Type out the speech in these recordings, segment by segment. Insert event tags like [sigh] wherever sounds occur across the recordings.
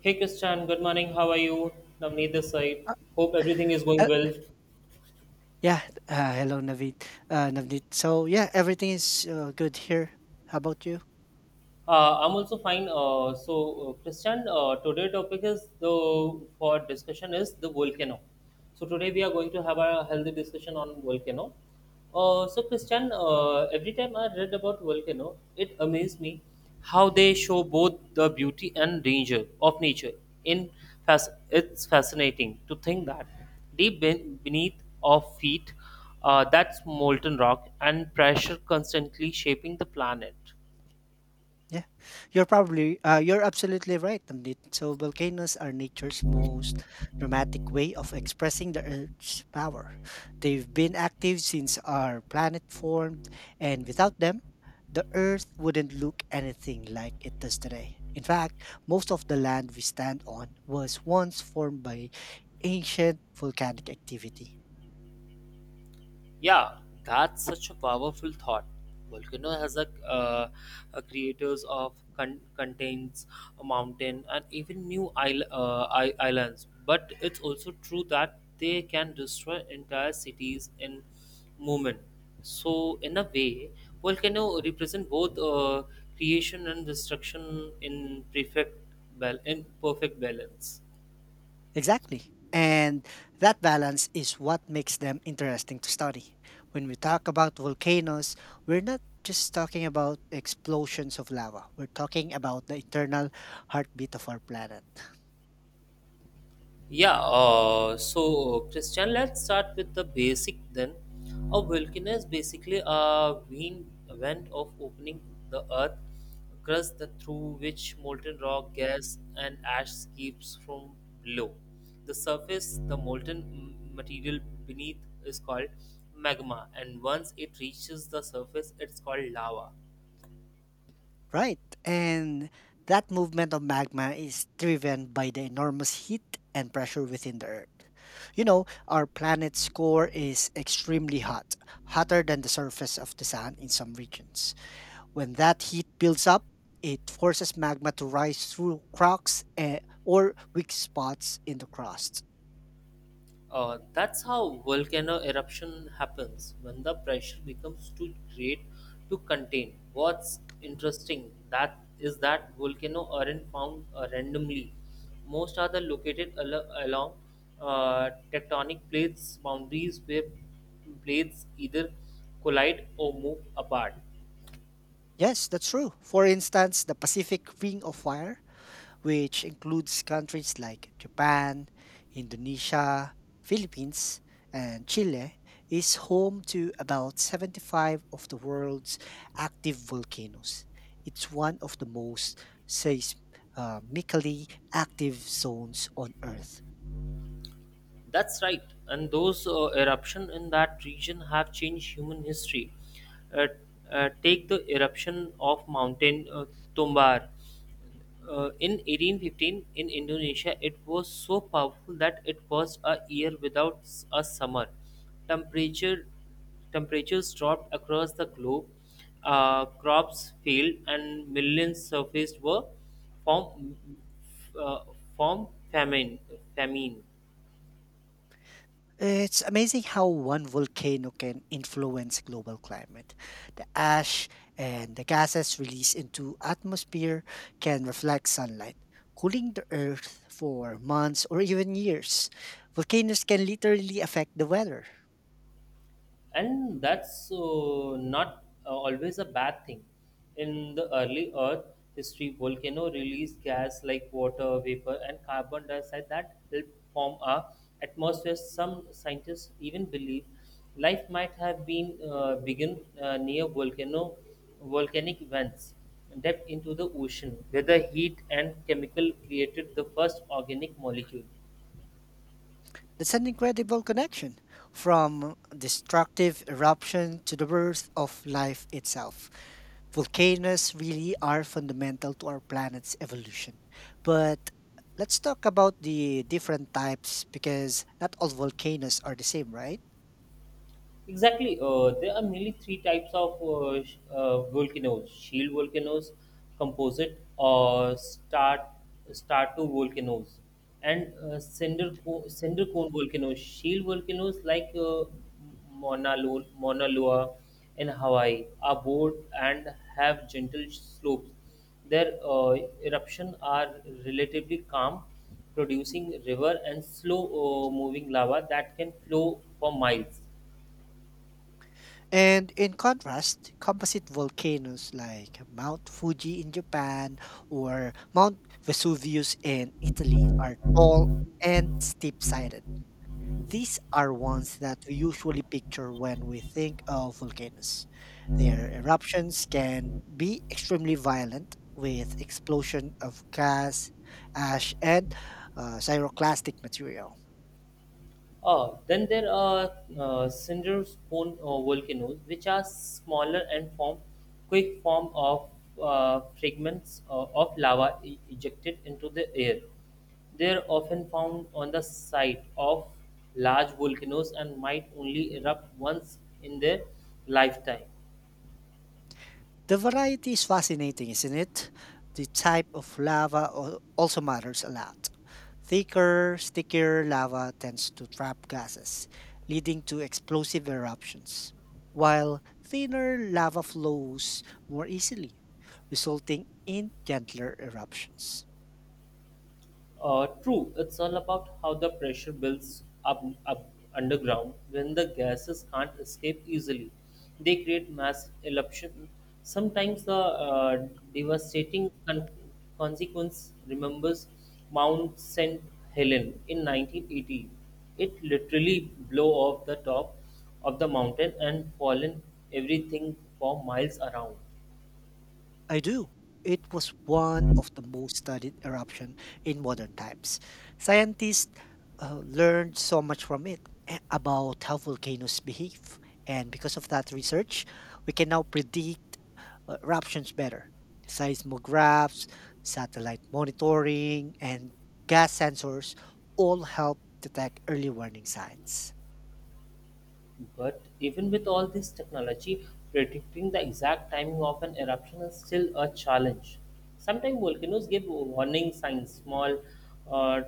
Hey Christian, good morning. How are you? Navneet this side. Uh, Hope everything is going uh, well. yeah. Hello, Naveed. Navneet. So yeah, everything is good here. How about you? I'm also fine. Christian, today topic is the for discussion is the volcano. So today we are going to have a healthy discussion on volcano. So Christian, every time I read about volcano, it amazed me how they show both the beauty and danger of nature. In it's fascinating to think that beneath our feet, that's molten rock and pressure constantly shaping the planet. Yeah, you're probably you're absolutely right, Navneet. So volcanoes are nature's most dramatic way of expressing the Earth's power. They've been active since our planet formed, and without them, the Earth wouldn't look anything like it does today. In fact, most of the land we stand on was once formed by ancient volcanic activity. Yeah, that's such a powerful thought. Volcano has a creators of contains a mountain and even new islands. But it's also true that they can destroy entire cities in movement. So in a way, volcano represent both creation and destruction in perfect in perfect balance. Exactly. And that balance is what makes them interesting to study. When we talk about volcanoes, we're not just talking about explosions of lava, we're talking about the internal heartbeat of our planet. [laughs] Yeah, so Christian, let's start with the basic then. A volcano is basically a wind event of opening the earth crust that through which molten rock, gas, and ash escapes from below. The surface, the molten material beneath, is called magma, and once it reaches the surface, it's called lava. Right. And that movement of magma is driven by the enormous heat and pressure within the Earth. You know, our planet's core is extremely hot, hotter than the surface of the sun in some regions. When that heat builds up, it forces magma to rise through cracks or weak spots in the crust. That's how volcano eruption happens when the pressure becomes too great to contain. What's interesting that is that volcano aren't found randomly. Most are the located along tectonic plates boundaries where plates either collide or move apart. Yes, that's true. For instance, the Pacific Ring of Fire, which includes countries like Japan, Indonesia, Philippines, and Chile, is home to about 75 of the world's active volcanoes. It's one of the most seismically active zones on Earth. That's right, and those eruptions in that region have changed human history. Uh, Take the eruption of Mountain Tombar. In 1815 in Indonesia, it was so powerful that it was a year without a summer. Temperature temperatures dropped across the globe, crops failed, and millions surfaced were from uh, from famine. Famine. It's amazing how one volcano can influence global climate. The ash and the gases released into atmosphere can reflect sunlight, cooling the earth for months or even years. Volcanoes can literally affect the weather. And that's not always a bad thing. In the early earth history, volcano released gas like water vapor and carbon dioxide that help form our atmosphere. Some scientists even believe life might have been begun near volcano volcanic vents deep into the ocean where the heat and chemical created the first organic molecule. That's an incredible connection from destructive eruption to the birth of life itself. Volcanoes really are fundamental to our planet's evolution. But let's talk about the different types because not all volcanoes are the same, right? Exactly. There are mainly three types of volcanoes: shield volcanoes, composite or star-two volcanoes, and cinder cone volcanoes. Shield volcanoes like Mauna Loa in Hawaii are bold and have gentle slopes. Their eruption are relatively calm, producing river and slow moving lava that can flow for miles. And in contrast, composite volcanoes like Mount Fuji in Japan or Mount Vesuvius in Italy are tall and steep sided. These are ones that we usually picture when we think of volcanoes. Their eruptions can be extremely violent with explosion of gas, ash, and pyroclastic material. Oh, then there are cinder cone volcanoes, which are smaller and form quick form of fragments of lava ejected into the air. They are often found on the site of large volcanoes and might only erupt once in their lifetime. The variety is fascinating, isn't it? The type of also matters a lot. Thicker, stickier lava tends to trap gases, leading to explosive eruptions, while thinner lava flows more easily, resulting in gentler eruptions. True, it's all about how the pressure builds up underground when the gases can't escape easily. They create mass eruption. Sometimes the devastating consequence remembers Mount St. Helen in 1980. It literally blew off the top of the mountain and fallen everything for miles around. I do. It was one of the most studied eruption in modern times. Scientists learned so much from it about how volcanoes behave. And because of that research, we can now predict eruptions better. Seismographs, satellite monitoring, and gas sensors all help detect early warning signs. But even with all this technology, predicting the exact timing of an eruption is still a challenge. Sometimes volcanoes give warning signs, small uh,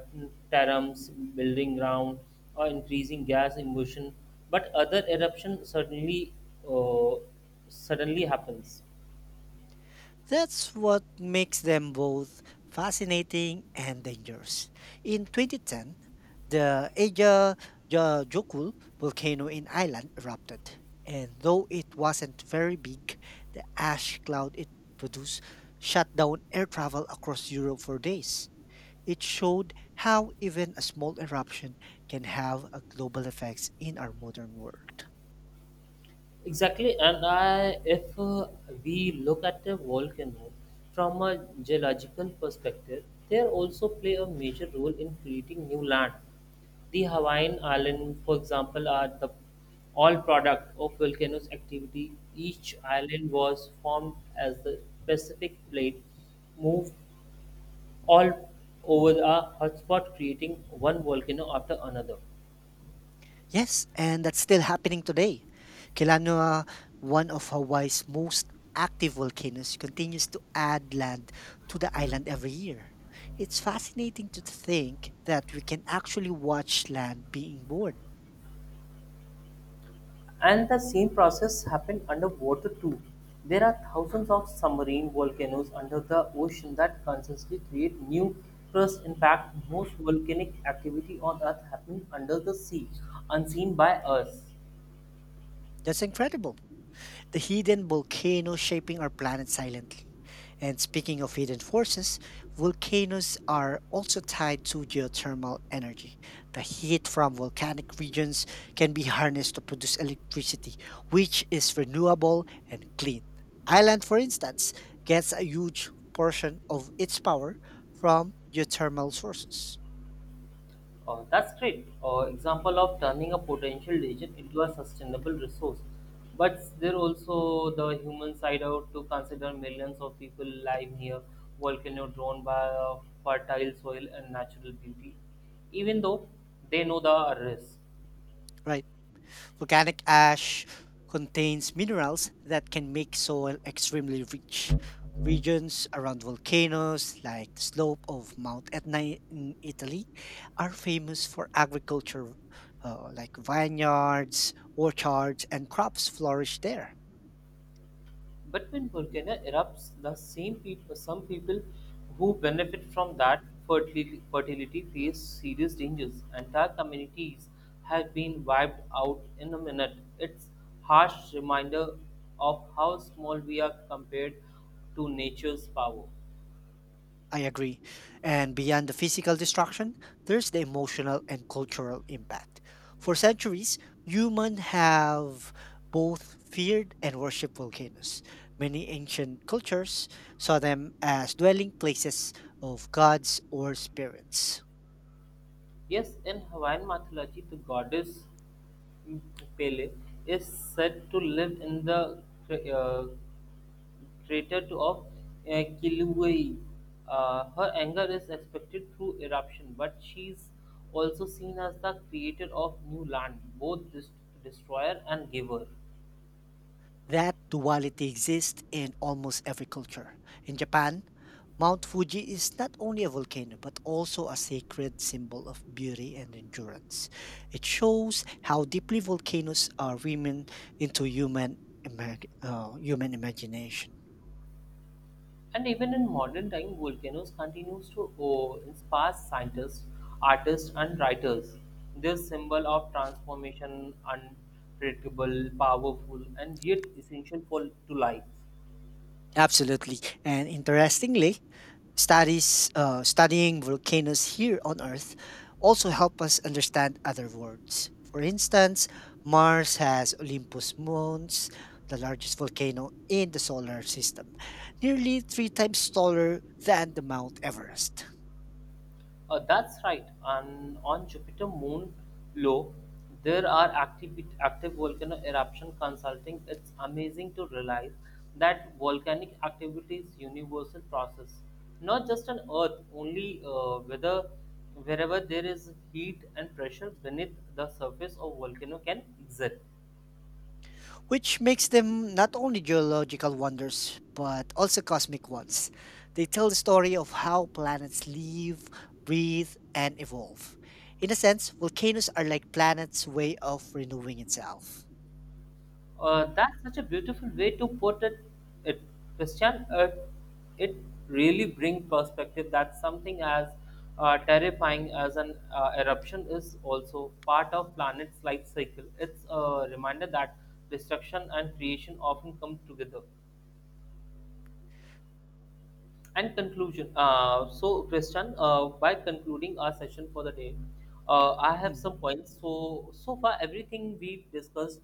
terms, building ground, or increasing gas emission, but other eruption uh, suddenly happens. That's what makes them both fascinating and dangerous. In 2010, the Eyjafjallajökull volcano in Iceland erupted, and though it wasn't very big, the ash cloud it produced shut down air travel across Europe for days. It showed how even a small eruption can have a global effects in our modern world. Exactly, and if we look at a volcano from a geological perspective, they also play a major role in creating new land. The Hawaiian Islands, for example, are the all product of volcanoes activity. Each island was formed as the Pacific plate moved all over a hotspot, creating one volcano after another. Yes, and that's still happening today. Kilauea, one of Hawaii's most active volcanoes, continues to add land to the island every year. It's fascinating to think that we can actually watch land being born. And the same process happened underwater too. There are thousands of submarine volcanoes under the ocean that constantly create new crust. In fact, most volcanic activity on Earth happens under the sea, unseen by us. That's incredible, the hidden volcano shaping our planet silently. And speaking of hidden forces, volcanoes are also tied to geothermal energy. The heat from volcanic regions can be harnessed to produce electricity, which is renewable and clean. Ireland, for instance, gets a huge portion of its power from geothermal sources. That's great. Example of turning a potential digit into a sustainable resource. But there also the human side out to consider millions of people live near volcano drawn by fertile soil and natural beauty, even though they know the risk. Right. Volcanic ash contains minerals that can make soil extremely rich. Regions around volcanoes, like the slope of Mount Etna in Italy, are famous for agriculture, like vineyards, orchards, and crops flourish there. But when volcano erupts, the same people, some people who benefit from that fertility face serious dangers. Entire communities have been wiped out in a minute. It's harsh reminder of how small we are compared to nature's power. I agree. And beyond the physical destruction, there's the emotional and cultural impact. For centuries, humans have both feared and worshipped volcanoes. Many ancient cultures saw them as dwelling places of gods or spirits. Yes, in Hawaiian mythology, the goddess mm, Pele is said to live in the uh, crater of uh, Kilauea. Her anger is expected through eruption, but she's also seen as the creator of new land, both destroyer and giver. That duality exists in almost every culture. In Japan, Mount Fuji is not only a volcano but also a sacred symbol of beauty and endurance. It shows how deeply volcanoes are women into human imagination. And even in modern time, volcanoes continues to inspire scientists, artists, and writers. This symbol of transformation, unpredictable, powerful, and yet essential for to life. Absolutely. And interestingly, Studies studying volcanoes here on Earth also help us understand other worlds. For instance, Mars has Olympus Mons, the largest volcano in the solar system, nearly three times taller than the Mount Everest. That's right. And on Jupiter Moon low, there are active volcano eruption consulting. It's amazing to realize that volcanic activity is universal process, not just on Earth. Only whether Wherever there is heat and pressure beneath the surface of volcano can exist. Which makes them not only geological wonders but also cosmic ones. They tell the story of how planets live, breathe, and evolve. In a sense, volcanoes are like planets' way of renewing itself. That's such a beautiful way to put it, Christian. It really brings perspective that something as terrifying as an eruption is also part of planet's life cycle. It's a reminder that destruction and creation often come together. And conclusion. So, Christian, by concluding our session for the day, I have Mm, some points. So, so far, everything we've discussed,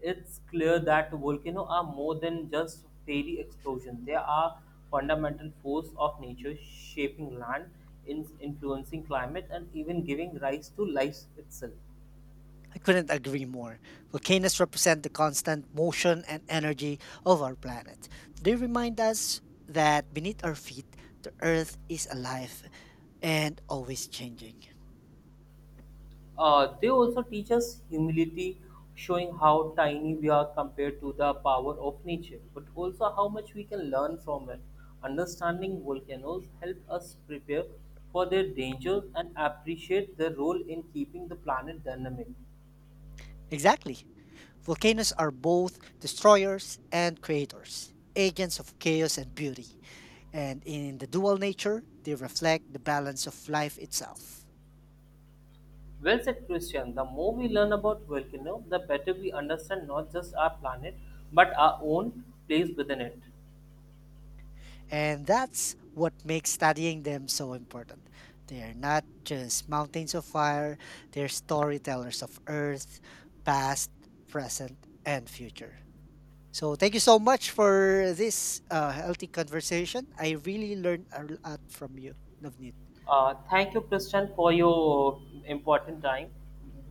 it's clear that volcanoes are more than just fairy explosions. They are fundamental force of nature, shaping land, influencing climate, and even giving rise to life itself. I couldn't agree more. Volcanoes represent the constant motion and energy of our planet. They remind us that beneath our feet, the earth is alive and always changing. They also teach us humility, showing how tiny we are compared to the power of nature, but also how much we can learn from it. Understanding volcanoes help us prepare for their dangers and appreciate their role in keeping the planet dynamic. Exactly. Volcanoes are both destroyers and creators, agents of chaos and beauty. And in the dual nature, they reflect the balance of life itself. Well said, Christian. The more we learn about volcano, the better we understand not just our planet but our own place within it. And that's what makes studying them so important. They are not just mountains of fire, they're storytellers of Earth, past, present, and future. So thank you so much for this healthy conversation. I really learned a lot from you, Navneet. Thank you, Christian, for your important time.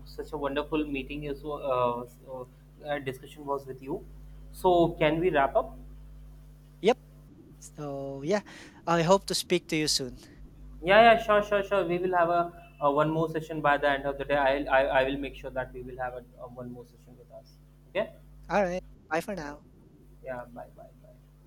Such a wonderful meeting, discussion was with you. So, can we wrap up? Yep. So yeah, I hope to speak to you soon. Yeah, yeah, sure, sure, sure. We will have a one more session by the end of the day. I will make sure that we will have a one more session with us. Okay? All right. Bye for now. Yeah, bye, bye, bye.